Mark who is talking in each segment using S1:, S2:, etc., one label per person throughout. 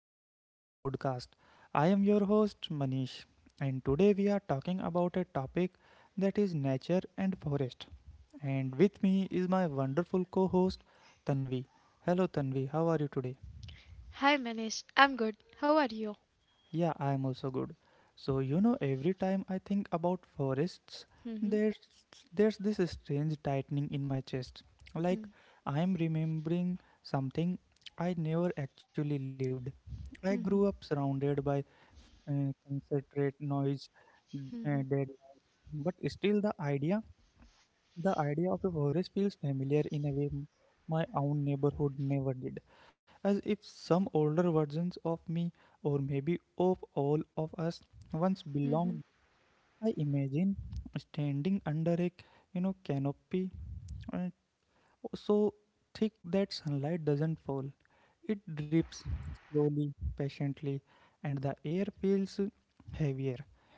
S1: welcome to the podcast. I am your host, Manish, and today we are talking about a topic that is nature and forest. And with me is my wonderful co host, Tanvi. Hello, Tanvi, how are you today?
S2: "Hi, Manish, I'm good. How are you?
S1: Yeah, I am also good. Every time I think about forests,
S2: Hm.
S1: there's there's this strange tightening in my chest.
S2: Hm.
S1: Like I'm remembering something I never actually lived. I
S2: Hm.
S1: grew up surrounded by concentrate noise,
S2: Hm.
S1: deadlines, but still the idea of a forest feels familiar in a way my own neighborhood never did, as if some older versions of me, or maybe of all of us, once belonged.
S2: Hm.
S1: I imagine standing under a canopy, uh, so thick that sunlight doesn't fall. It drips slowly, patiently, and the air feels heavier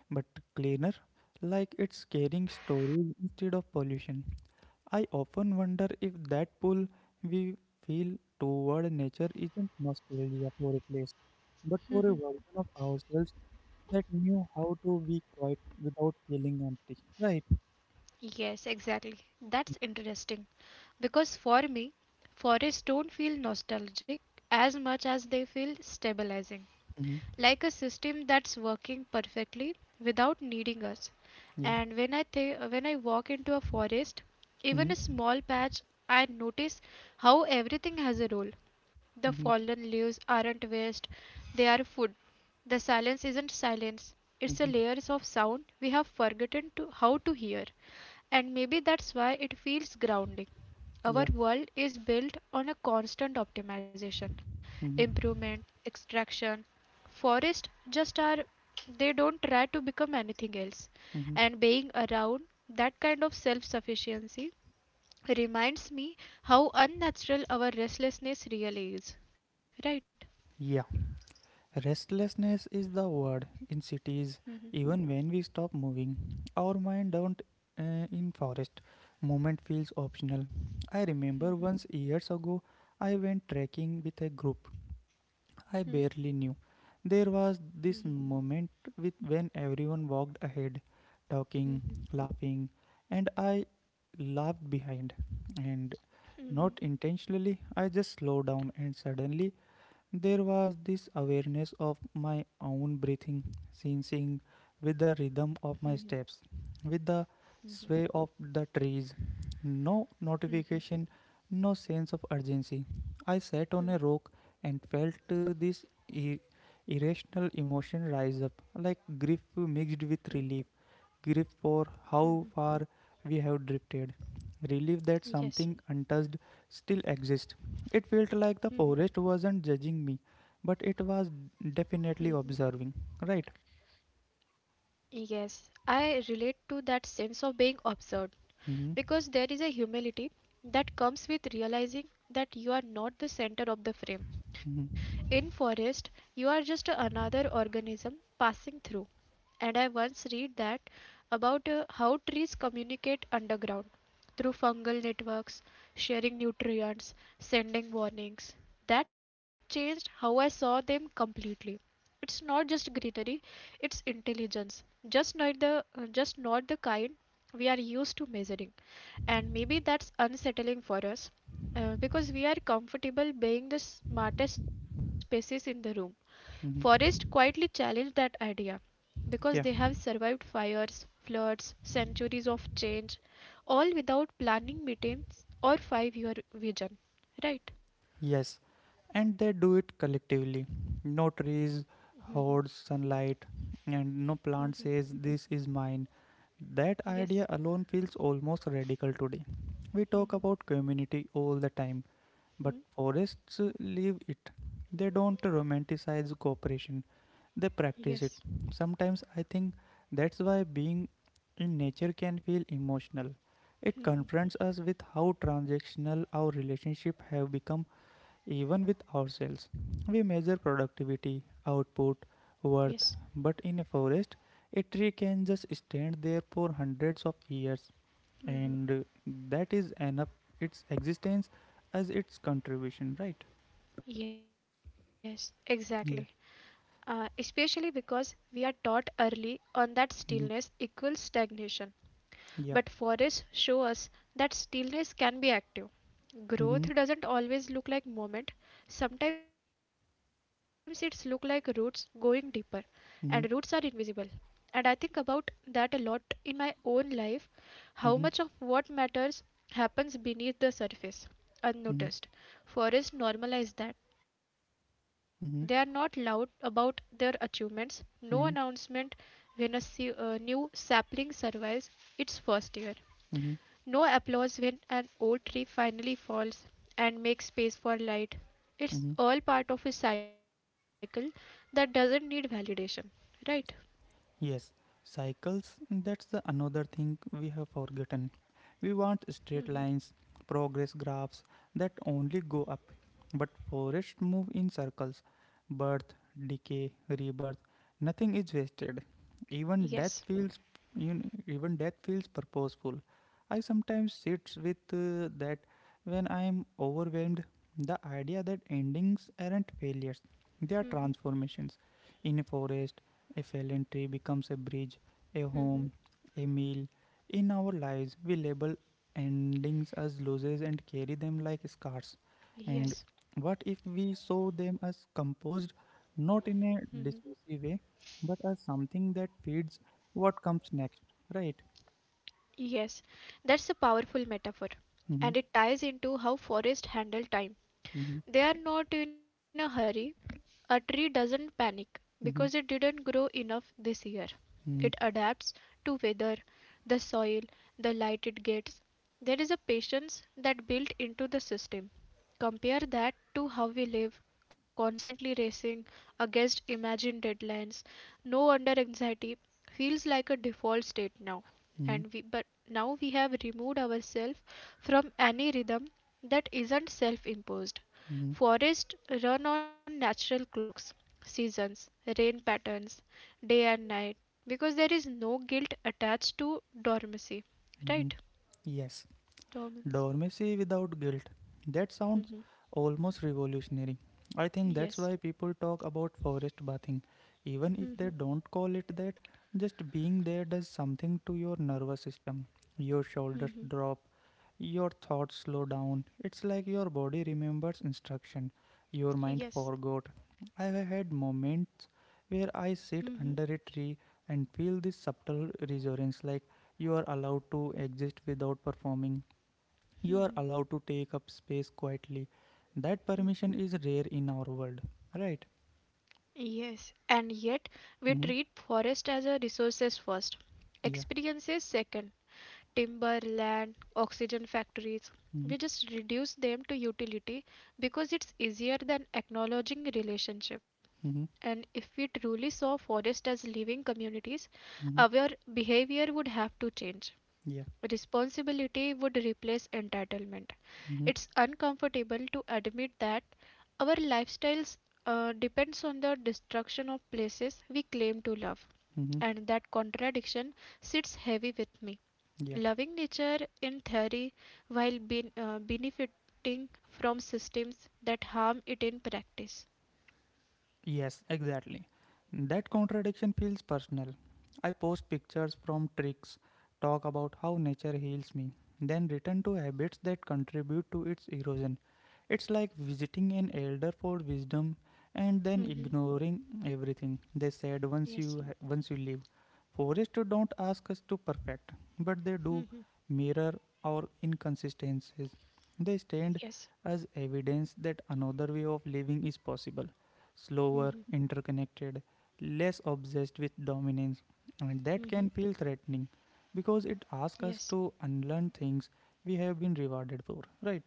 S1: but cleaner, like it's carrying stories instead of pollution. I often wonder if that pull we feel toward nature isn't nostalgia for a place, but for a
S2: Hm.
S1: version of ourselves that knew how to be quiet without feeling empty. Right?
S2: Yes, exactly. That's interesting. Because for me, forests don't feel nostalgic as much as they feel stabilizing,
S1: Mm-hmm.
S2: like a system that's working perfectly without needing us.
S1: Yeah.
S2: And when I walk into a forest, even a
S1: Mm-hmm.
S2: small patch, I notice how everything has a role. The
S1: Mm-hmm.
S2: fallen leaves aren't waste, they are food. The silence isn't silence, it's a
S1: Mm-hmm.
S2: layers of sound we have forgotten to how to hear. And maybe that's why it feels grounding. Our
S1: Yeah.
S2: world is built on a constant optimization,
S1: Mhm,
S2: improvement, extraction. Forests just are, they don't try to become anything else.
S1: mhm.
S2: And being around that kind of self sufficiency reminds me how unnatural our restlessness really is. Right?
S1: Yeah. Restlessness is the word in cities. Even when we stop moving, our mind don't in forest. Movement feels optional. I remember once years ago, I went trekking with a group I barely knew. There was this moment with when everyone walked ahead, talking, laughing, and I laughed behind. And not intentionally, I just slowed down, and suddenly there was this awareness of my own breathing, syncing with the rhythm of my steps, with the sway of the trees. No notification, no sense of urgency. I sat on a rock and felt this irrational emotion rise up, like grief mixed with relief. Grief for how far we have drifted, relief that something untouched still exist. It felt like the forest wasn't judging me, but it was
S2: Mhm.
S1: definitely observing, right?
S2: Yes, I relate to that sense of being observed because there is
S1: Hmm.
S2: a humility that comes with realizing that you are not the center of the frame. In
S1: Hmm.
S2: forest, you are just another organism passing through. And I once read that about how trees communicate underground through fungal networks, sharing nutrients, sending warnings. That changed how I saw them completely. It's not just greenery, it's intelligence. Just not the kind we are used to measuring. And maybe that's unsettling for us because we are comfortable being the smartest species in the room. Forests
S1: Hmm.
S2: quietly challenge that idea, because they have
S1: Yeah,
S2: survived fires, floods, centuries of change, all without planning meetings or 5-year vision. Right?
S1: yes. And they do it collectively. No trees, hoards, sunlight, and no
S2: Mm-hmm.
S1: plant says this is mine. That
S2: Yes.
S1: idea alone feels almost radical today. We talk
S2: Mm-hmm.
S1: about community all the time, but forests leave it. They don't romanticize cooperation they practice it.
S2: Yes.
S1: Sometimes I think that's why being in nature can feel emotional. It confronts us with how transactional our relationships have become even with ourselves. We measure productivity, output,
S2: Yes.
S1: worth, but in a forest, a tree can just stand there for hundreds of years and
S2: Mm-hmm.
S1: that is enough its existence as its contribution, right?
S2: Yes, exactly.
S1: Yeah.
S2: Especially because we are taught early on that
S1: Mm-hmm.
S2: stillness equals stagnation.
S1: Yeah.
S2: But forests show us that stillness can be active.
S1: Mm-hmm.
S2: Growth doesn't always look like movement. Sometimes it's look like roots going deeper and
S1: Mm-hmm.
S2: roots are invisible. And I think about that a lot in my own life,
S1: Mm-hmm.
S2: how much of what matters happens beneath the
S1: Mm-hmm.
S2: surface, unnoticed. Forests normalize that. They are
S1: Mm-hmm.
S2: not loud about their achievements, no
S1: 嗯哼，
S2: announcement when a new sapling survives its first year.
S1: 嗯哼，
S2: No applause when an old tree finally falls and makes space for
S1: 嗯
S2: light.
S1: 哼。
S2: It's all part of a cycle that doesn't need validation, right?
S1: Yes, cycles, that's the another thing we have forgotten. We want straight lines,
S2: Hmm.
S1: progress graphs that only go up. But forests move in circles. Birth, decay, rebirth, nothing is wasted. Even death feels you know,
S2: Yes.
S1: even death feels purposeful. I sometimes sit with that when I am overwhelmed, the idea that endings aren't failures, they are transformations.
S2: Hmm.
S1: In a forest, a fallen tree becomes a bridge, a home, a meal.
S2: Hmm.
S1: In our lives, we label endings as losses and carry them like scars. And what if
S2: Yes.
S1: we saw them as composed, not in a
S2: Hmm.
S1: dismissive way, but as something that feeds what comes next, right?
S2: Yes, that's a powerful metaphor,
S1: Mm-hmm,
S2: and it ties into how forests handle
S1: mm-hmm,
S2: time. They are not in a hurry. A tree doesn't panic
S1: mm-hmm,
S2: because it didn't grow enough this year. It adapts to weather, the soil, the light it gets. There is a patience that built into the system. Compare that to how we live, constantly racing against imagined deadlines. No wonder anxiety feels like a default state now.
S1: mm-hmm,
S2: But now we have removed ourselves from any rhythm that isn't self imposed.
S1: mm-hmm,
S2: Forests run on natural clocks, seasons, rain patterns, day and night, because there is no guilt attached to dormancy,
S1: mm-hmm.
S2: right?
S1: Yes.
S2: Dormancy.
S1: Dormancy without guilt. That sounds
S2: Hmm.
S1: almost revolutionary. I think that's why
S2: Yes.
S1: people talk about forest bathing. Even if they don't call it that, just being there does something to your nervous system. Your shoulders
S2: Hmm.
S1: drop, your thoughts slow down. It's like your body remembers instruction, your mind
S2: Yes.
S1: forgot. I have had moments where I sit
S2: Hmm.
S1: under a tree and feel this subtle resonance like you are allowed to exist without performing. You are allowed to take up space quietly. That permission is rare in our world, right?
S2: Yes. And yet, we
S1: Mm-hmm.
S2: treat forest as a resources first,
S1: Yeah.
S2: experiences second, timber, land, oxygen factories. We just reduce them to utility because it's easier than acknowledging relationship.
S1: Mm-hmm.
S2: And if we truly saw forests as living communities,
S1: Mm-hmm.
S2: our behavior would have to change.
S1: Yeah.
S2: Responsibility would replace entitlement.
S1: Mm-hmm.
S2: It's uncomfortable to admit that our lifestyles depends on the destruction of places we claim to love.
S1: Mm-hmm.
S2: And that contradiction sits heavy with me.
S1: Yeah.
S2: Loving nature in theory while benefiting from systems that harm it in practice.
S1: Yes, exactly. That contradiction feels personal. I post pictures from tricks, talk about how nature heals me, then return to habits that contribute to its erosion. It's like visiting an elder for wisdom and then
S2: Mhm.
S1: ignoring everything they said
S2: Yes,
S1: once you leave. Forests don't ask us to perfect, but they do mirror our inconsistencies. They stand
S2: yes.
S1: as evidence that another way of living is possible slower, interconnected, less obsessed with dominance. And that can feel threatening because it asks us
S2: Yes,
S1: to unlearn things we have been rewarded for, right?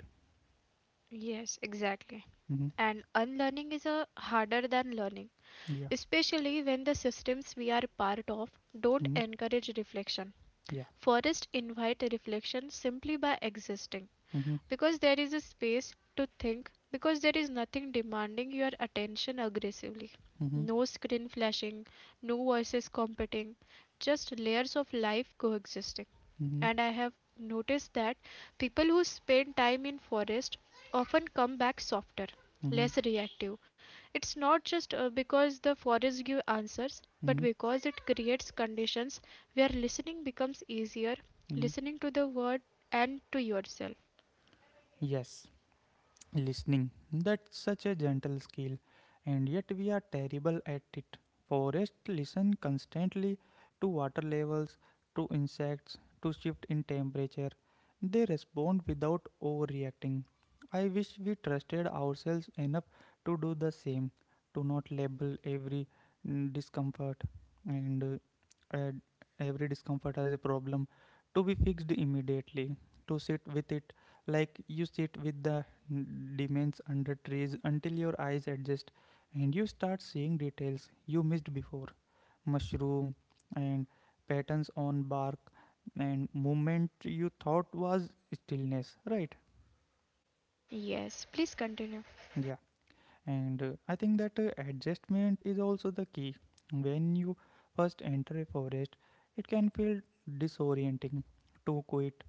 S2: yes, exactly.
S1: Mm-hmm.
S2: And unlearning is a harder than learning,
S1: Yeah.
S2: especially when the systems we are part of don't
S1: Mm-hmm.
S2: encourage reflection.
S1: Yeah.
S2: Forests invite reflection simply by existing,
S1: Mm-hmm.
S2: because there is a space to think, because there is nothing demanding your attention aggressively.
S1: Mm-hmm.
S2: No screen flashing, no voices competing, just layers of life coexisting.
S1: Mm-hmm.
S2: And I have noticed that people who spend time in forest often come back softer,
S1: Mm-hmm.
S2: less reactive. It's not just because the forest give answers, but
S1: Mm-hmm.
S2: because it creates conditions where listening becomes easier,
S1: Mm-hmm.
S2: listening to the world and to yourself.
S1: Yes. Listening, that's such a gentle skill, and yet we are terrible at it. Forests listen constantly to water levels, to insects, to shift in temperature. They respond without overreacting. I wish we trusted ourselves enough to do the same, to not label every discomfort and add every discomfort as a problem to be fixed immediately, to sit with it like you sit with the demons under trees until your eyes adjust and you start seeing details you missed before mushroom and patterns on bark and movement you thought was stillness, right?
S2: Yes, please continue.
S1: Yeah, and I think that adjustment is also the key. When you first enter a forest, it can feel disorienting, too quiet,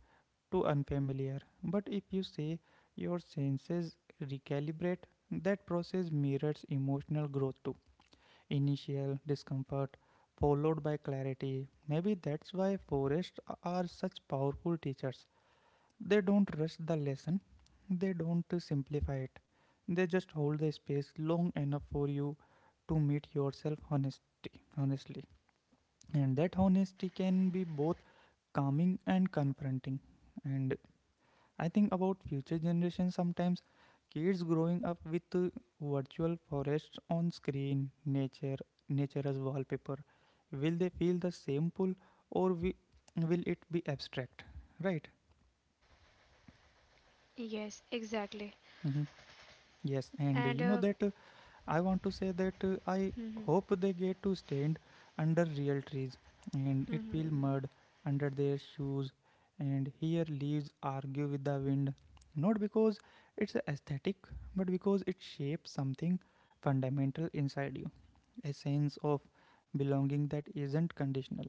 S1: to unfamiliar. But if you say your senses recalibrate, that process mirrors emotional growth too. Initial discomfort followed by clarity. Maybe that's why forests are such powerful teachers. They don't rush the lesson, they don't simplify it. They just hold the space long enough for you to meet yourself honesty, honestly. And that honesty can be both calming and confronting. And I think about future generations sometimes kids growing up with virtual forests on screen, nature as wallpaper. Will they feel the same pull or will it be abstract? Right?
S2: Yes, exactly.
S1: Hmm. Yes, and
S2: And
S1: you know that I want to say that I
S2: mhm,
S1: hope they get to stand under real trees and it
S2: mhm.
S1: feel mud under their shoes and here leaves argue with the wind not because it's aesthetic but because it shapes something fundamental inside you a sense of belonging that isn't conditional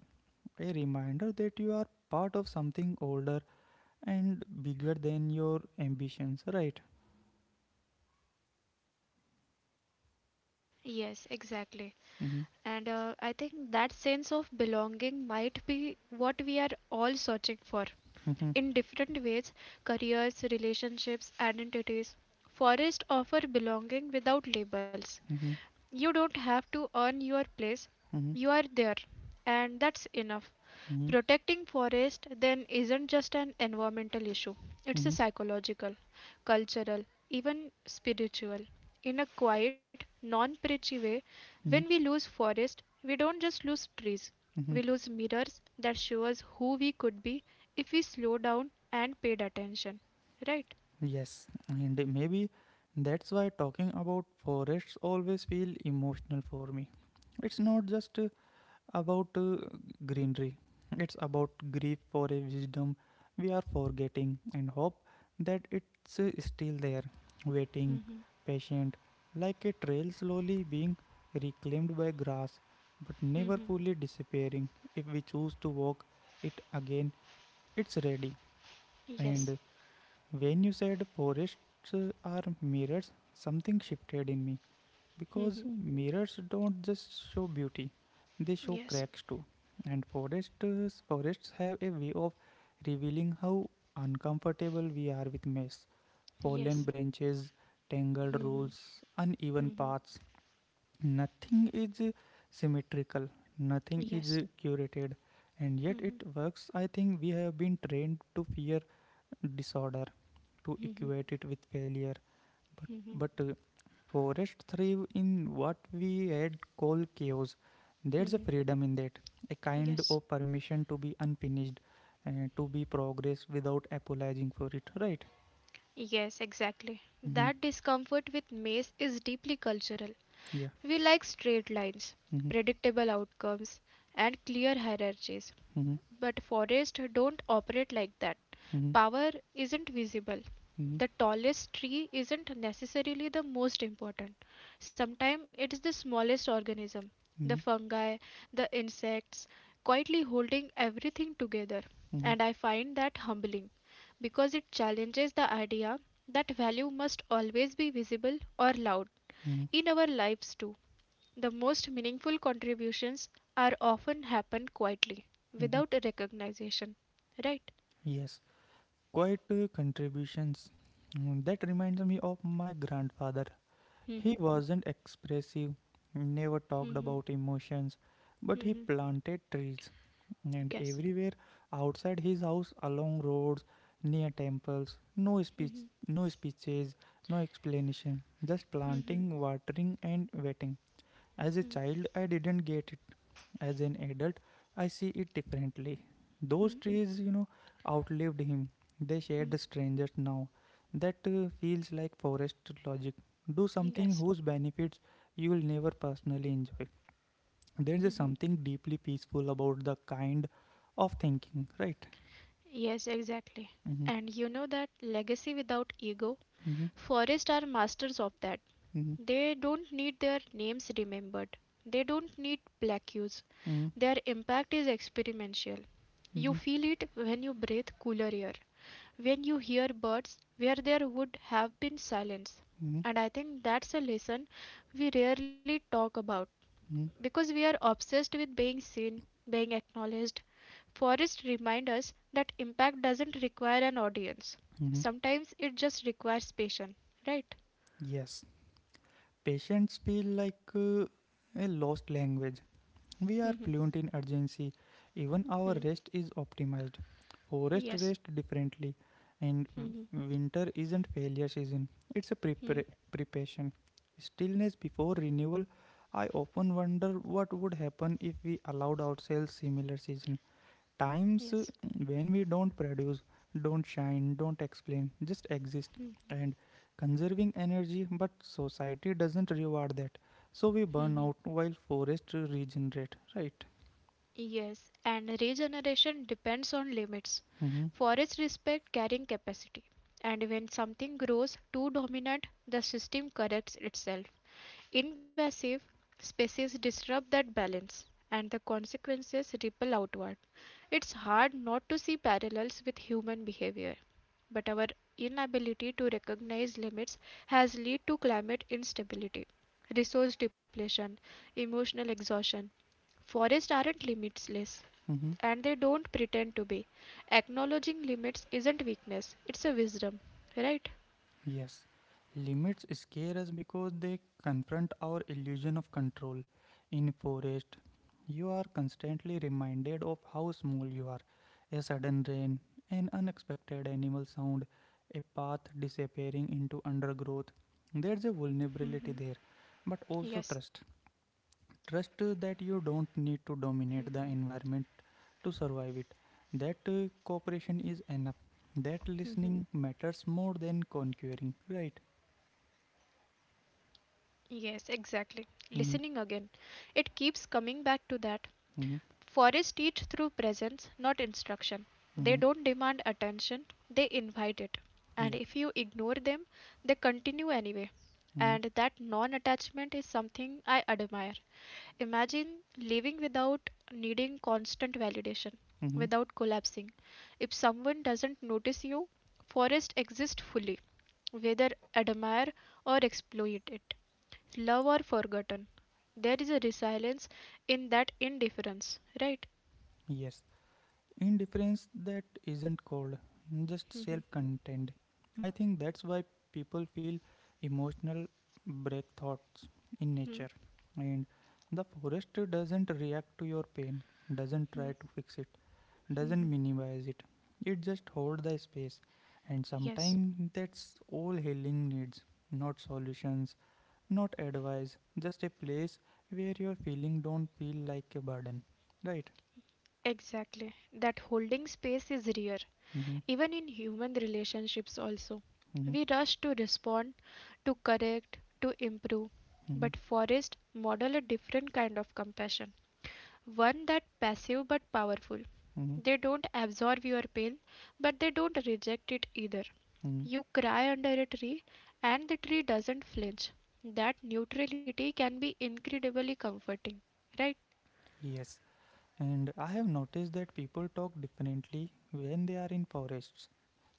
S1: a reminder that you are part of something older and bigger than your ambitions right.
S2: Yes, exactly.
S1: Mm-hmm.
S2: And I think that sense of belonging might be what we are all searching for
S1: Mm-hmm.
S2: in different ways careers, relationships, identities. Forests offer belonging without labels.
S1: Mm-hmm.
S2: You don't have to earn your place.
S1: Mm-hmm.
S2: You are there, and that's enough.
S1: Mm-hmm.
S2: Protecting forest then isn't just an environmental issue. It's a
S1: Mm-hmm.
S2: psychological, cultural, even spiritual. In a quiet, non-preachy way, when we
S1: Mm-hmm.
S2: lose forest, we don't just lose trees. We
S1: Mhm.
S2: lose mirrors that show us who we could be if we slow down and paid attention. Right?
S1: Yes, and maybe that's why talking about forests always feel emotional for me. It's not just about greenery. It's about grief for a wisdom we are forgetting and hope that it's still there, waiting,
S2: Mm-hmm.
S1: patient, like a trail slowly being reclaimed by grass, but
S2: Mm-hmm.
S1: never fully disappearing. If we choose to walk it again, it's ready.
S2: Yes.
S1: And when you said forests are mirrors, something shifted in me because
S2: Mm-hmm.
S1: mirrors don't just show beauty, they show
S2: Yes.
S1: cracks too. And forests have a way of revealing how uncomfortable we are with mess, fallen
S2: Yes.
S1: branches, tangled
S2: Mm-hmm.
S1: roots, uneven
S2: Mm-hmm.
S1: paths. Nothing is symmetrical, nothing is
S2: Yes.
S1: curated, and yet it works. I think we have been trained to fear disorder to equate it with failure. But, forests thrive in what we had called chaos. There's a
S2: Mm-hmm.
S1: freedom in that, a kind
S2: Yes.
S1: of permission to be unfinished, to be progress without apologizing for it, right?
S2: Yes, exactly.
S1: Mm-hmm.
S2: That discomfort with maze is deeply cultural.
S1: Yeah.
S2: We like straight lines,
S1: Mm-hmm.
S2: predictable outcomes, and clear hierarchies.
S1: Mm-hmm.
S2: But forests don't operate like that.
S1: Mm-hmm.
S2: Power isn't visible.
S1: Mm-hmm.
S2: The tallest tree isn't necessarily the most important. Sometimes it's the smallest organism, the
S1: Mm-hmm.
S2: fungi, the insects, quietly holding everything together.
S1: Mm-hmm.
S2: And I find that humbling because it challenges the idea that value must always be visible or loud
S1: Mm-hmm.
S2: in our lives too. The most meaningful contributions are often happen quietly,
S1: Mm-hmm.
S2: without a recognition, right?
S1: Yes, quite contributions. That reminds me of my grandfather. He
S2: Mhm,
S1: wasn't expressive, never talked
S2: mhm,
S1: about emotions, but he
S2: mhm,
S1: planted trees and
S2: yes.
S1: everywhere outside his house, along roads, near temples. No speech,
S2: Mhm,
S1: no speeches, no explanation, just
S2: mhm,
S1: planting, watering, and waiting. As a child, I didn't get it as an adult I see it differently those
S2: mhm,
S1: trees you know outlived him they shared
S2: mhm,
S1: strangers now that feels like forest logic do something
S2: yes.
S1: whose benefits you will never personally enjoy
S2: Mhm.
S1: there is something deeply peaceful about the kind of thinking right.
S2: Yes, exactly.
S1: Mm-hmm.
S2: And you know that legacy without ego,
S1: Mm-hmm.
S2: forests are masters of that.
S1: Mm-hmm.
S2: They don't need their names remembered. They don't need plaques. Their impact is experiential.
S1: Mm-hmm.
S2: You
S1: Mm-hmm.
S2: feel it when you breathe cooler air, when you hear birds where there would have been silence.
S1: Mm-hmm.
S2: And I think that's a lesson we rarely talk about
S1: Mm-hmm.
S2: because we are obsessed with being seen, being acknowledged. Forest remind us that impact doesn't require an audience.
S1: Mm-hmm.
S2: Sometimes it just requires patience, right?
S1: Yes, patience feel like a lost language. We
S2: Hmm,
S1: are
S2: hmm,
S1: fluent in urgency. Even our
S2: hmm.
S1: rest is optimized. Forest
S2: Yes.
S1: rest differently, and
S2: Hmm, hmm,
S1: winter isn't failure season, it's a
S2: hmm.
S1: preparation. Stillness before renewal. I often wonder what would happen if we allowed ourselves similar season times
S2: Yes.
S1: when we don't produce, don't shine, don't explain, just exist and conserving energy, but society doesn't reward that. So we
S2: Hmm,
S1: burn
S2: hmm.
S1: out while forests regenerate, right?
S2: Yes, and regeneration depends on limits.
S1: Mm-hmm.
S2: Forests respect carrying capacity, and when something grows too dominant, the system corrects itself. Invasive species disrupt that balance, and the consequences ripple outward. It's hard not to see parallels with human behavior, but our inability to recognize limits has led to climate instability, resource depletion, emotional exhaustion. Forests aren't limitless,
S1: Mm-hmm.
S2: and they don't pretend to be. Acknowledging limits isn't weakness, it's a wisdom, right?
S1: Yes, limits scare us because they confront our illusion of control. In forest, you are constantly reminded of how small you are. A sudden rain, an unexpected animal sound, a path disappearing into undergrowth. There's a vulnerability
S2: Hmm.
S1: there, but also
S2: Yes.
S1: trust. Trust
S2: Mm-hmm.
S1: that you don't need to dominate the environment to survive it. That cooperation is enough. That listening matters more than conquering, right?
S2: Yes, exactly. Listening again. It keeps
S1: Mm-hmm.
S2: coming back to that. Forests teach through
S1: Mm-hmm.
S2: presence, not instruction. They don't demand attention,
S1: Mm-hmm.
S2: they invite it. And if you ignore them,
S1: Yeah.
S2: they continue anyway. And that non
S1: Mm-hmm.
S2: attachment is something I admire. Imagine living without needing constant validation, without
S1: Mm-hmm.
S2: collapsing. If someone doesn't notice you, forests exist fully whether admire or exploit it, love or forgotten. There is a resilience in that indifference, right?
S1: Yes. Indifference that isn't cold, just self
S2: Mhm.
S1: contained. I think that's why people feel emotional breakthroughs in nature.
S2: Mhm.
S1: And the forest doesn't react to your pain, doesn't try to fix it, doesn't minimize it. It just holds the space. And
S2: Yes,
S1: sometimes that's all healing needs, not solutions, not advice, just a place where your feeling don't feel like a burden, right?
S2: exactly. That holding space is rare,
S1: Mm-hmm,
S2: even in human relationships, also.
S1: mm-hmm,
S2: We rush to respond, to correct, to improve.
S1: mm-hmm,
S2: But Forrest modeled a different kind of compassion. One that passive but powerful.
S1: mm-hmm,
S2: They don't absorb your pain, but they don't reject it either.
S1: mm-hmm.
S2: You cry under a tree and the tree doesn't flinch. That neutrality can be incredibly comforting, right?
S1: Yes, and I have noticed that people talk differently when they are in forests,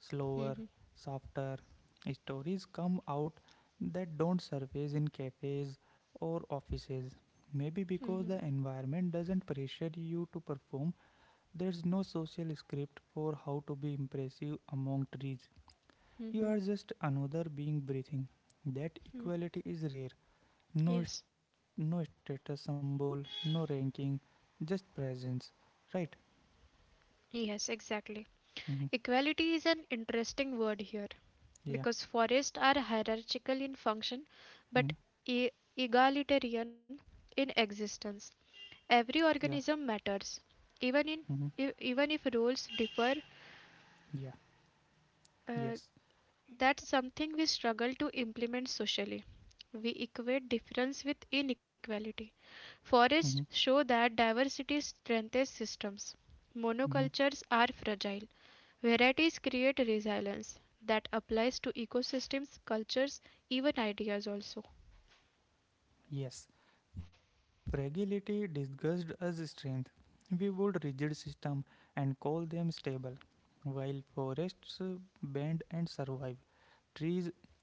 S1: slower,
S2: Mhm.
S1: softer. Stories come out that don't surface in cafes or offices, maybe because
S2: Mhm.
S1: the environment doesn't pressure you to perform. There's no social script for how to be impressive among trees. You are
S2: Mhm.
S1: just another being breathing. That equality is rare. No, st-
S2: Yes.
S1: no status symbol, no ranking, just presence. Right?
S2: Yes, exactly.
S1: Mm-hmm.
S2: Equality is an interesting word here
S1: Yeah.
S2: because forests are hierarchical in function but
S1: Mm-hmm.
S2: e- egalitarian in existence. Every
S1: Yeah.
S2: organism matters, even in
S1: Mm-hmm.
S2: even if roles differ.
S1: Yeah.
S2: Uh,
S1: Yes.
S2: that's something we struggle to implement socially. We equate difference with inequality. Forests
S1: Mm-hmm.
S2: show that diversity strengthens systems.
S1: Mm-hmm.
S2: Monocultures are fragile. Varieties create resilience that applies to ecosystems, cultures, even ideas also.
S1: Yes. Fragility disguised as strength. We build rigid system and call them stable, while forests bend and survive. Trees,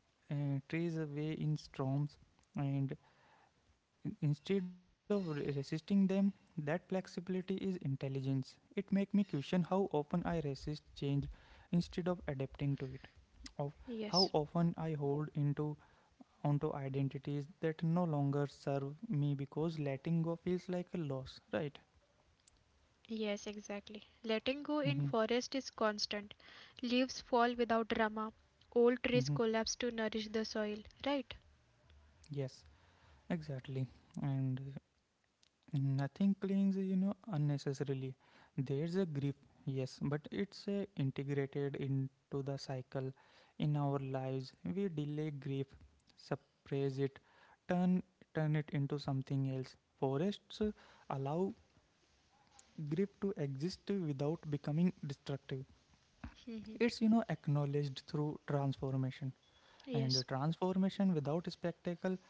S1: trees away in storms, and Instead of resisting them, that flexibility is intelligence. It makes me question how often I resist change instead of adapting to it. Of how
S2: Yes.
S1: often I hold into onto identities that no longer serve me because letting go feels like a loss, right?
S2: Yes, exactly. Letting go in
S1: Mm-hmm.
S2: forest is constant. Leaves fall without drama. Old trees
S1: Mm-hmm.
S2: collapse to nourish the soil, right?
S1: Yes, exactly. And nothing clings, unnecessarily. There's a grip, yes, but it's integrated into the cycle in our lives. We delay grief, suppress it, turn turn it into something else. Forests allow grief to exist without becoming destructive. It's acknowledged through transformation, and
S2: Yes.
S1: transformation without spectacle,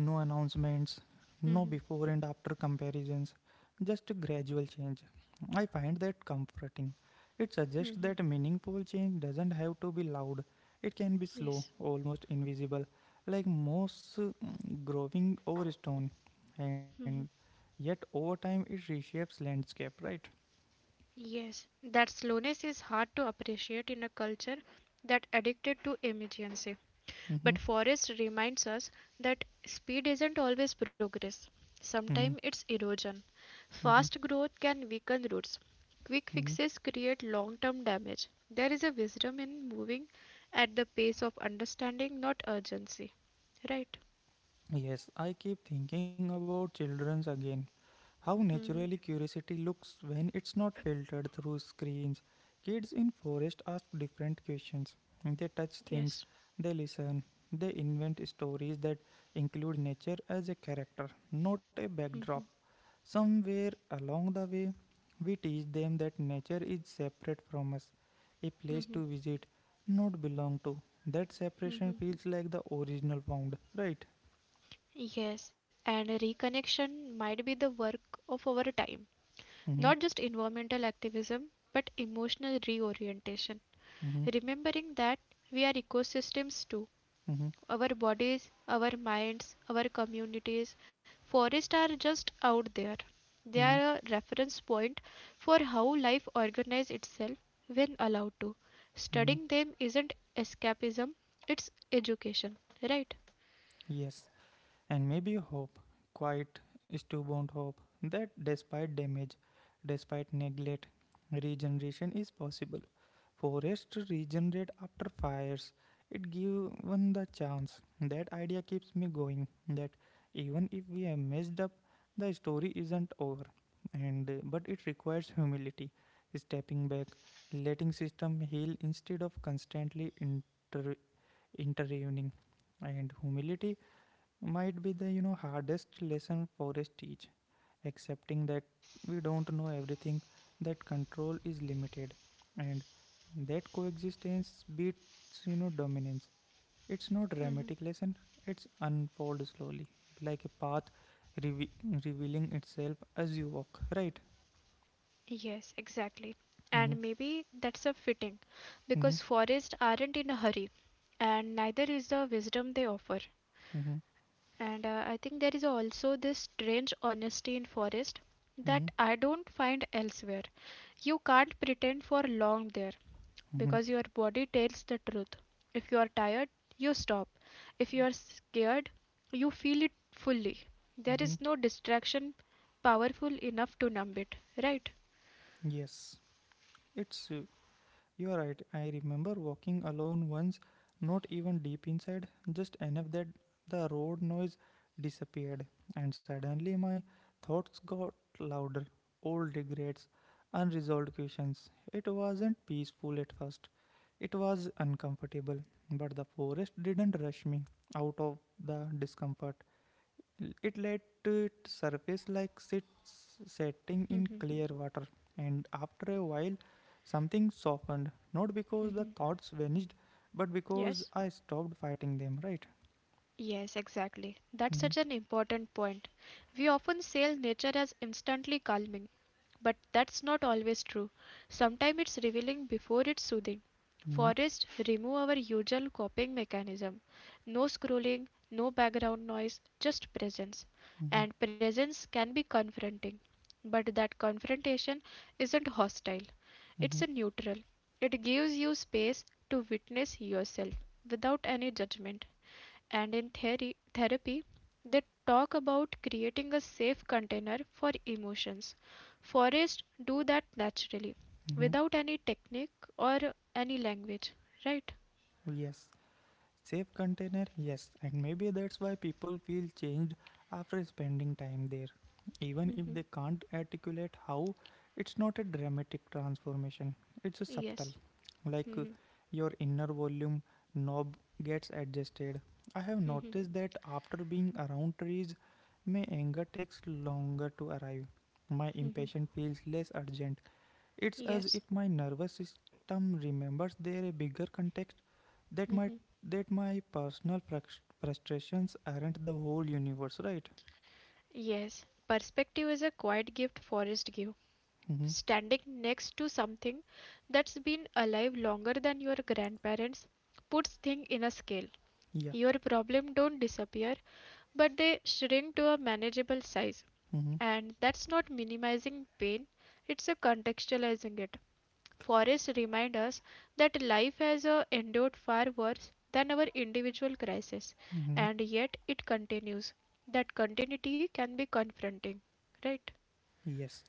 S1: no announcements, no
S2: Hmm.
S1: before and after comparisons, just a gradual change. I find that comforting. It suggests
S2: Hmm.
S1: that meaningful change doesn't have to be loud, it can be slow,
S2: Yes.
S1: almost invisible, like moss growing over stone. And yet, over time, it reshapes landscape, right?
S2: Yes, that slowness is hard to appreciate in a culture that addicted to emergency.
S1: Mm-hmm.
S2: But Forrest reminds us that speed isn't always progress.
S1: Mm-hmm.
S2: Sometimes it's erosion.
S1: Mm-hmm.
S2: Fast growth can weaken roots. Quick
S1: Mm-hmm.
S2: fixes create long-term damage. There is a wisdom in moving at the pace of understanding, not urgency. Right?
S1: Yes, I keep thinking about children's again. How naturally
S2: Hmm.
S1: curiosity looks when it's not filtered through screens. Kids in forest ask different questions. They touch things,
S2: Yes.
S1: they listen, they invent stories that include nature as a character, not a backdrop. Somewhere along the way, we teach them that nature is separate from us, a place to
S2: Hmm.
S1: visit, not belong to. That separation feels like the original found, right?
S2: Yes, and reconnection might be the work of our time.
S1: Mm-hmm,
S2: Not just environmental activism, but emotional reorientation.
S1: mm-hmm,
S2: Remembering that we are ecosystems too.
S1: mm-hmm,
S2: Our bodies, our minds, our communities. Forests are just out there. They
S1: mm-hmm,
S2: are a reference point for how life organizes itself when allowed to.
S1: mm-hmm.
S2: Studying them isn't escapism, it's education, right?
S1: Yes, and maybe hope, quite stubborn hope, that despite damage, despite neglect, regeneration is possible. Forests regenerate after fires. It gives one the chance. That idea keeps me going. That even if we have messed up, the story isn't over. And but it requires humility, stepping back, letting system heal instead of constantly intervening. And humility might be the hardest lesson forest teach, accepting that we don't know everything, that control is limited, and that coexistence beats dominance. It's not dramatic
S2: Mhm.
S1: lesson, it's unfold slowly, like a path reve- revealing itself as you walk, right?
S2: Yes, exactly.
S1: Mm-hmm.
S2: And maybe that's a fitting
S1: Mm-hmm.
S2: because forests aren't in a hurry and neither is the wisdom they offer.
S1: Mm-hmm.
S2: And I think there is also this strange honesty in forest that I don't find elsewhere. You can't pretend for long there
S1: Mm-hmm.
S2: because your body tells the truth. If you are tired, you stop. If you are scared, you feel it fully. There
S1: Mm-hmm.
S2: is no distraction powerful enough to numb it, right?
S1: Yes, it's you are right. I remember walking alone once, not even deep inside, just enough that the road noise disappeared, and suddenly my thoughts got louder. Old regrets, unresolved questions. It wasn't peaceful at first. It was uncomfortable, but the forest didn't rush me out of the discomfort. It let it surface like sits setting in
S2: Mm-hmm.
S1: clear water, and after a while, something softened. Not because
S2: Mm-hmm.
S1: the thoughts vanished, but because
S2: Yes.
S1: I stopped fighting them. Right?
S2: Yes, exactly. That's
S1: Mm-hmm.
S2: such an important point. We often sell nature as instantly calming, but that's not always true. Sometimes it's revealing before it's soothing.
S1: Mm-hmm.
S2: Forests remove our usual coping mechanism. No scrolling, no background noise, just presence.
S1: Mm-hmm.
S2: And presence can be confronting, but that confrontation isn't hostile.
S1: Mm-hmm.
S2: It's a neutral. It gives you space to witness yourself without any judgment and in theory, therapy, they talk about creating a safe container for emotions. Forests do that naturally,
S1: Mm-hmm.
S2: without any technique or any language, right?
S1: Yes. Safe container, yes, and maybe that's why people feel changed after spending time there. Even if they can't articulate how, it's not a dramatic transformation, it's a subtle.
S2: Yes,
S1: Like your inner volume knob gets adjusted. I have noticed that after being around trees, my anger takes longer to arrive. My impatience feels less urgent, it's as
S2: yes,
S1: if my nervous system remembers there a bigger context, that my that my personal frustrations aren't the whole universe, right?
S2: yes. Perspective is a quiet gift forest give.
S1: Hmm.
S2: Standing next to something that's been alive longer than your grandparents puts thing in a scale.
S1: Yeah.
S2: Your problem don't disappear, but they shrink to a manageable size.
S1: Hmm.
S2: And that's not minimizing pain, it's a contextualizing it. Forrest reminds us that life has endured far worse than our individual crisis,
S1: Hmm.
S2: and yet it continues. That continuity can be confronting, right?
S1: Yes.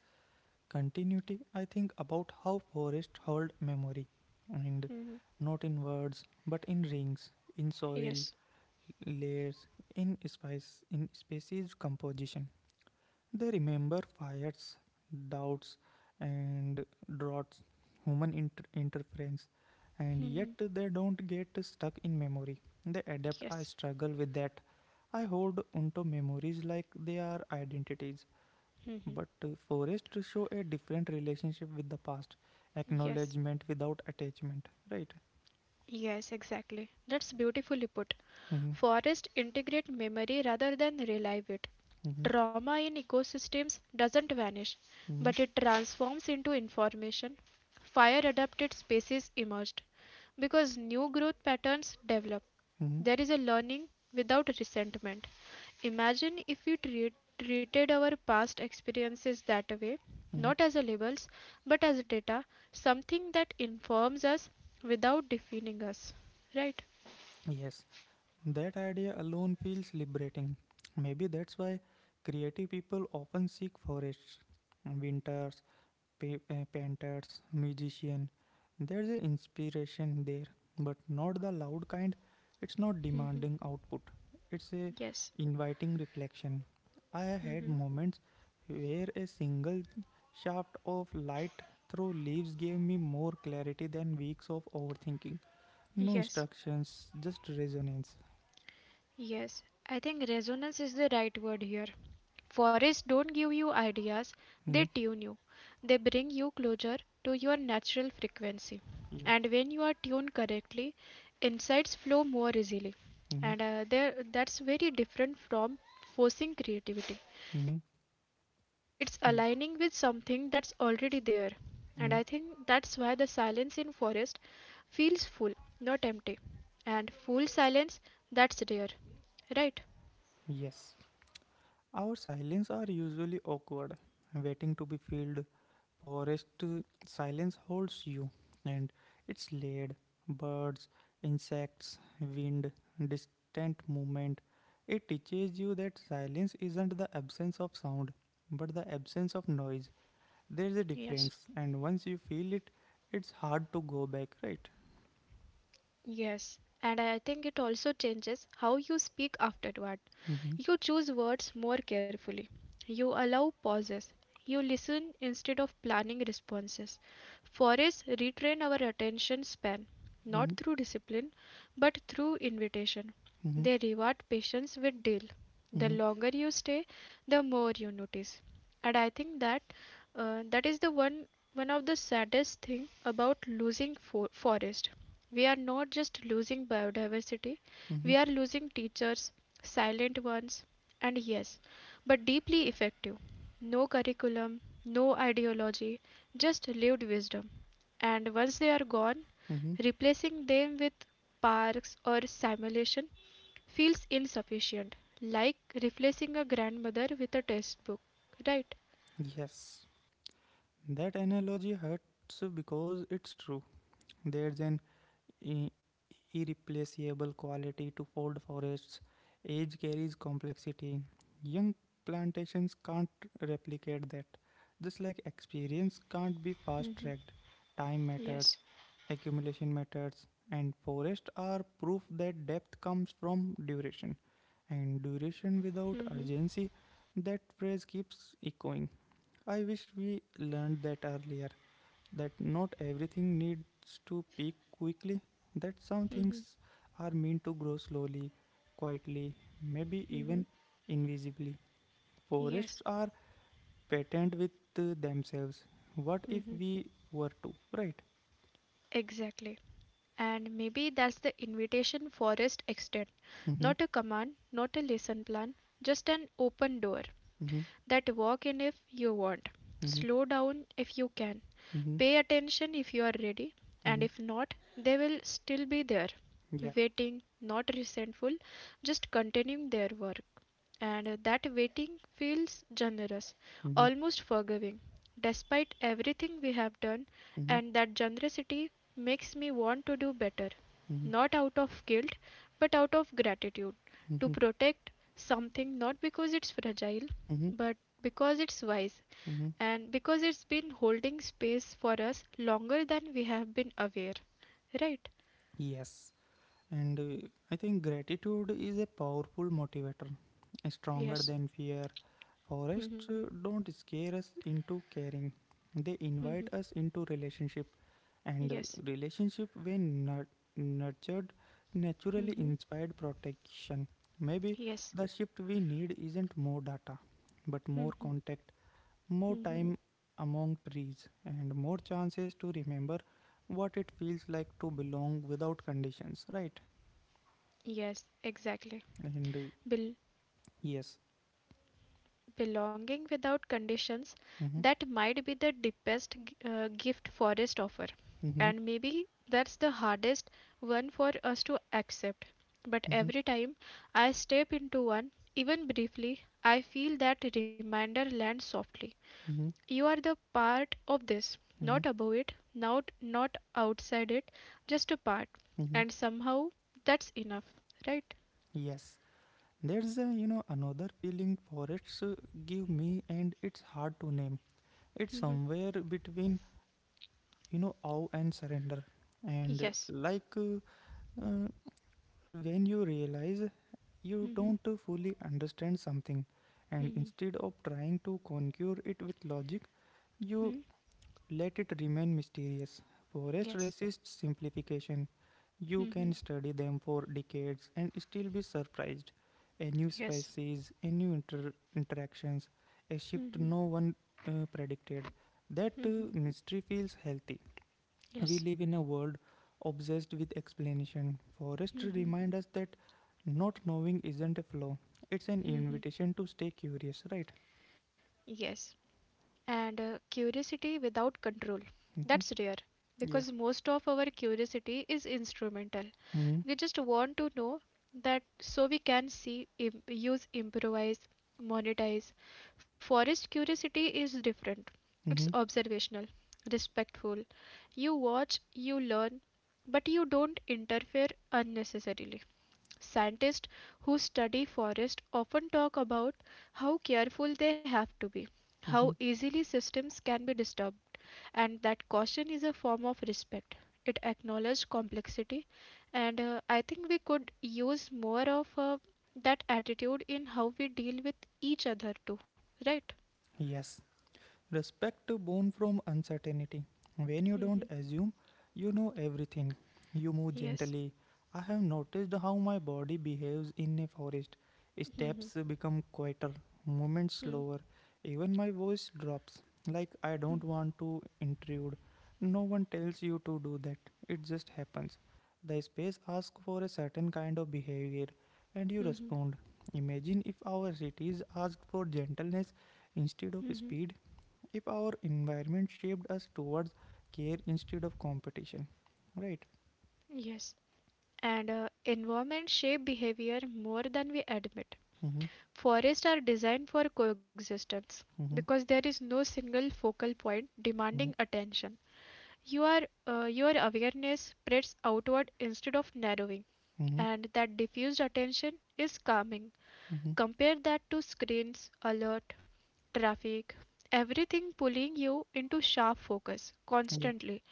S1: Continuity. I think about how forests hold memory, and
S2: Hmm.
S1: not in words, but in rings, in soil
S2: Yes.
S1: layers, in spice, in species composition. They remember fires, doubts, and droughts, human interference, and
S2: Hmm.
S1: yet they don't get stuck in memory. They adapt. I
S2: Yes.
S1: struggle with that. I hold onto memories like they are identities. But forests show a different relationship with the past,
S2: Yes.
S1: acknowledgement without attachment, right?
S2: Yes, exactly. That's beautifully put.
S1: Mm-hmm,
S2: Forests integrate memory rather than relive it.
S1: mm-hmm,
S2: Trauma in ecosystems doesn't vanish,
S1: mm-hmm,
S2: but it transforms into information. Fire adapted species emerged because new growth patterns develop.
S1: mm-hmm.
S2: There is a learning without resentment. Imagine if we treated our past experiences that way,
S1: Mm-hmm.
S2: not as a labels, but as data, something that informs us without defining us. Right?
S1: Yes, that idea alone feels liberating. Maybe that's why creative people often seek forests, winters, painters, musicians. There's an inspiration there, but not the loud kind. It's not demanding output. It's a
S2: Yes.
S1: inviting reflection. I had
S2: Hmm.
S1: moments where a single shaft of light through leaves gave me more clarity than weeks of overthinking. No
S2: Yes.
S1: instructions, just resonance.
S2: Yes, I think resonance is the right word here. Forests don't give you ideas, they
S1: Hmm?
S2: tune you. They bring you closer to your natural frequency.
S1: Yeah.
S2: And when you are tuned correctly, insights flow more easily.
S1: Mm-hmm.
S2: And that's very different from forcing creativity.
S1: Mm-hmm.
S2: It's aligning with something
S1: Ye-
S2: that's already there. And I think that's
S1: mhm.
S2: why the silence in forest feels full, not empty. And full silence, that's rare, right?
S1: Yes. Our silence are usually awkward, waiting to be filled. Forest silence holds you, and it's laid. Birds, insects, wind, distant movement. It teaches you that silence isn't the absence of sound, but the absence of noise.
S2: Mm-hmm.
S1: There's a difference,
S2: Yes.
S1: and once you feel it, it's hard to go back, right?
S2: Yes, and I think it also changes how you speak afterward.
S1: Mm-hmm.
S2: You choose words more carefully. You allow pauses. You listen instead of planning responses. Forests retrain our attention span, not
S1: Mm-hmm.
S2: through discipline, but through invitation.
S1: Mm-hmm.
S2: They reward patience with deal. The longer you stay, the more you notice. And I think that that is the one one of the saddest thing about losing forest. We are not just losing biodiversity,
S1: Mm-hmm.
S2: we are losing teachers, silent ones, and yes, but deeply effective. No curriculum, no ideology, just lived wisdom. And once they are gone,
S1: Mm-hmm.
S2: replacing them with parks or simulation feels insufficient, like replacing a grandmother with a textbook, right?
S1: Yes, that analogy hurts because it's true. There's an i- irreplaceable quality to old forests. Age carries complexity. Young plantations can't replicate that. Just like experience can't be fast
S2: Mhm.
S1: tracked, time
S2: Yes.
S1: matters, accumulation matters, and forests are proof that depth comes from duration. And duration without
S2: Hmm.
S1: urgency, that phrase keeps echoing. I wish we learned that earlier, that not everything needs to peak quickly, that some
S2: Hmm.
S1: things are meant to grow slowly, quietly, maybe
S2: Hmm.
S1: even invisibly. Forests
S2: Yes.
S1: are patent with themselves. What if
S2: Hmm.
S1: we were to, right?
S2: Exactly. And maybe that's the invitation Forrest extend.
S1: Mm-hmm,
S2: Not a command, not a lesson plan, just an open door.
S1: mm-hmm,
S2: That walk in if you want.
S1: mm-hmm,
S2: Slow down if you can.
S1: mm-hmm,
S2: Pay attention if you are ready. And
S1: mm-hmm.
S2: if not, they will still be there.
S1: Yeah.
S2: Waiting, not resentful, just continuing their work and that waiting feels generous,
S1: Mm-hmm,
S2: almost forgiving, despite everything we have done,
S1: mm-hmm,
S2: and that generosity makes me want to do better,
S1: mm-hmm,
S2: not out of guilt, but out of gratitude, to
S1: mm-hmm,
S2: protect something not because it's fragile,
S1: mm-hmm.
S2: but because it's wise,
S1: Mm-hmm.
S2: and because it's been holding space for us longer than we have been aware. Right?
S1: Yes, and I think gratitude is a powerful motivator, stronger
S2: Yes.
S1: than fear.
S2: Mm-hmm.
S1: Forests don't scare us into caring, they
S2: Mm-hmm.
S1: invite us into relationship. And
S2: Yes.
S1: relationship, when nurtured, naturally
S2: Mm-hmm.
S1: inspired protection. Maybe
S2: Yes.
S1: the shift we need isn't more data, but more
S2: Mm-hmm.
S1: contact, more
S2: Mm-hmm.
S1: time among trees, and more chances to remember what it feels like to belong without conditions, right?
S2: Yes, exactly.
S1: And
S2: Bel
S1: yes.
S2: belonging without conditions,
S1: Mm-hmm.
S2: that might be the deepest gift forest offer.
S1: Mm-hmm.
S2: And maybe that's the hardest one for us to accept. But
S1: Mm-hmm.
S2: every time I step into one, even briefly, I feel that reminder land softly.
S1: Mm-hmm.
S2: You are the part of this,
S1: Mm-hmm.
S2: not above it, not not outside it, just a part.
S1: Mm-hmm.
S2: And somehow that's enough, right?
S1: Yes. There's a another feeling forests give me, and it's hard to name. It's
S2: Hmm.
S1: somewhere between awe and surrender, and
S2: Yes.
S1: uh, when you realize you
S2: Hmm.
S1: don't fully understand something, and instead of trying to conquer it with logic, you
S2: Hmm.
S1: let it remain mysterious. Forest
S2: Yes.
S1: resists simplification. You can
S2: Mm-hmm.
S1: study them for decades and still be surprised. A new
S2: Yes.
S1: species, a new interactions, a shift
S2: Mm-hmm.
S1: no one predicted. That mystery feels healthy. We
S2: Yes.
S1: live in a world obsessed with explanation. Forest
S2: Mm-hmm.
S1: remind us that not knowing isn't a flaw. It's an
S2: Mm.
S1: invitation to stay curious, right?
S2: Yes. And curiosity without control.
S1: Hmm.
S2: That's rare
S1: Yeah.
S2: because most of our curiosity is instrumental.
S1: Hmm.
S2: We just want to know that so we can see, use, improvise, monetize. Forest curiosity is different. It's
S1: Hmm.
S2: observational, respectful. You watch, you learn, but you don't interfere unnecessarily. Scientists who study forests often talk about how careful they have to be, how
S1: Hmm.
S2: easily systems can be disturbed, and that caution is a form of respect. It acknowledges complexity, and I think we could use more of that attitude in how we deal with each other too, right?
S1: Yes. Respect born from uncertainty. When you
S2: Hmm.
S1: don't assume you know everything, you move
S2: Yes.
S1: gently. I have noticed how my body behaves in a forest. Steps become quieter, movements slower, even my voice drops. Like I don't want to intrude. No one tells you to do that, it just happens. The space asks for a certain kind of behavior, and you
S2: Mm-hmm.
S1: respond. Imagine if our cities asked for gentleness instead of
S2: Mm-hmm.
S1: speed, if our environment shaped us towards care instead of competition, right?
S2: Yes. And environment shape behavior more than we admit.
S1: Mm-hmm,
S2: Forests are designed for coexistence
S1: mm-hmm,
S2: because there is no single focal point demanding
S1: mm-hmm,
S2: attention. You your awareness spreads outward instead of narrowing,
S1: mm-hmm,
S2: and that diffused attention is calming.
S1: mm-hmm.
S2: Compare that to screens, alert, traffic, everything pulling you into sharp focus
S1: Yeah.
S2: constantly.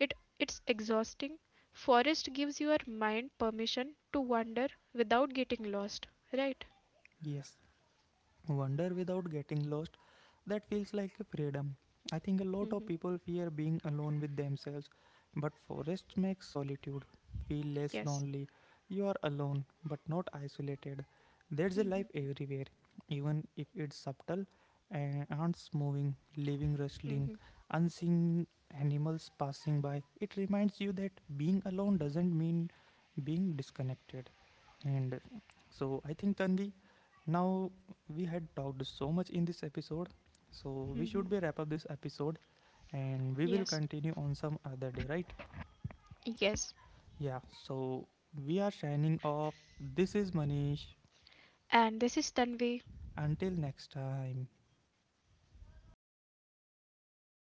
S2: It, it's exhausting. Forest gives your mind permission to wander without getting lost, right?
S1: Yes, wonder without getting lost, that feels like a freedom. I think a lot of
S2: Hmm.
S1: people fear being alone with themselves, but forest makes solitude feel less
S2: Yes.
S1: lonely. You are alone, but not isolated. There's a life everywhere, even if it's subtle. And ants moving, living rustling,
S2: Mhm.
S1: unseen animals passing by. It reminds you that being alone doesn't mean being disconnected. And so I think Tanvi, now we had talked so much in this episode, so we
S2: Hmm.
S1: should be wrap up this episode and we will
S2: Yes,
S1: continue on some other day, right?
S2: yes.
S1: Yeah, so we are signing off. This is Manish.
S2: And this is Tanvi.
S1: Until next time.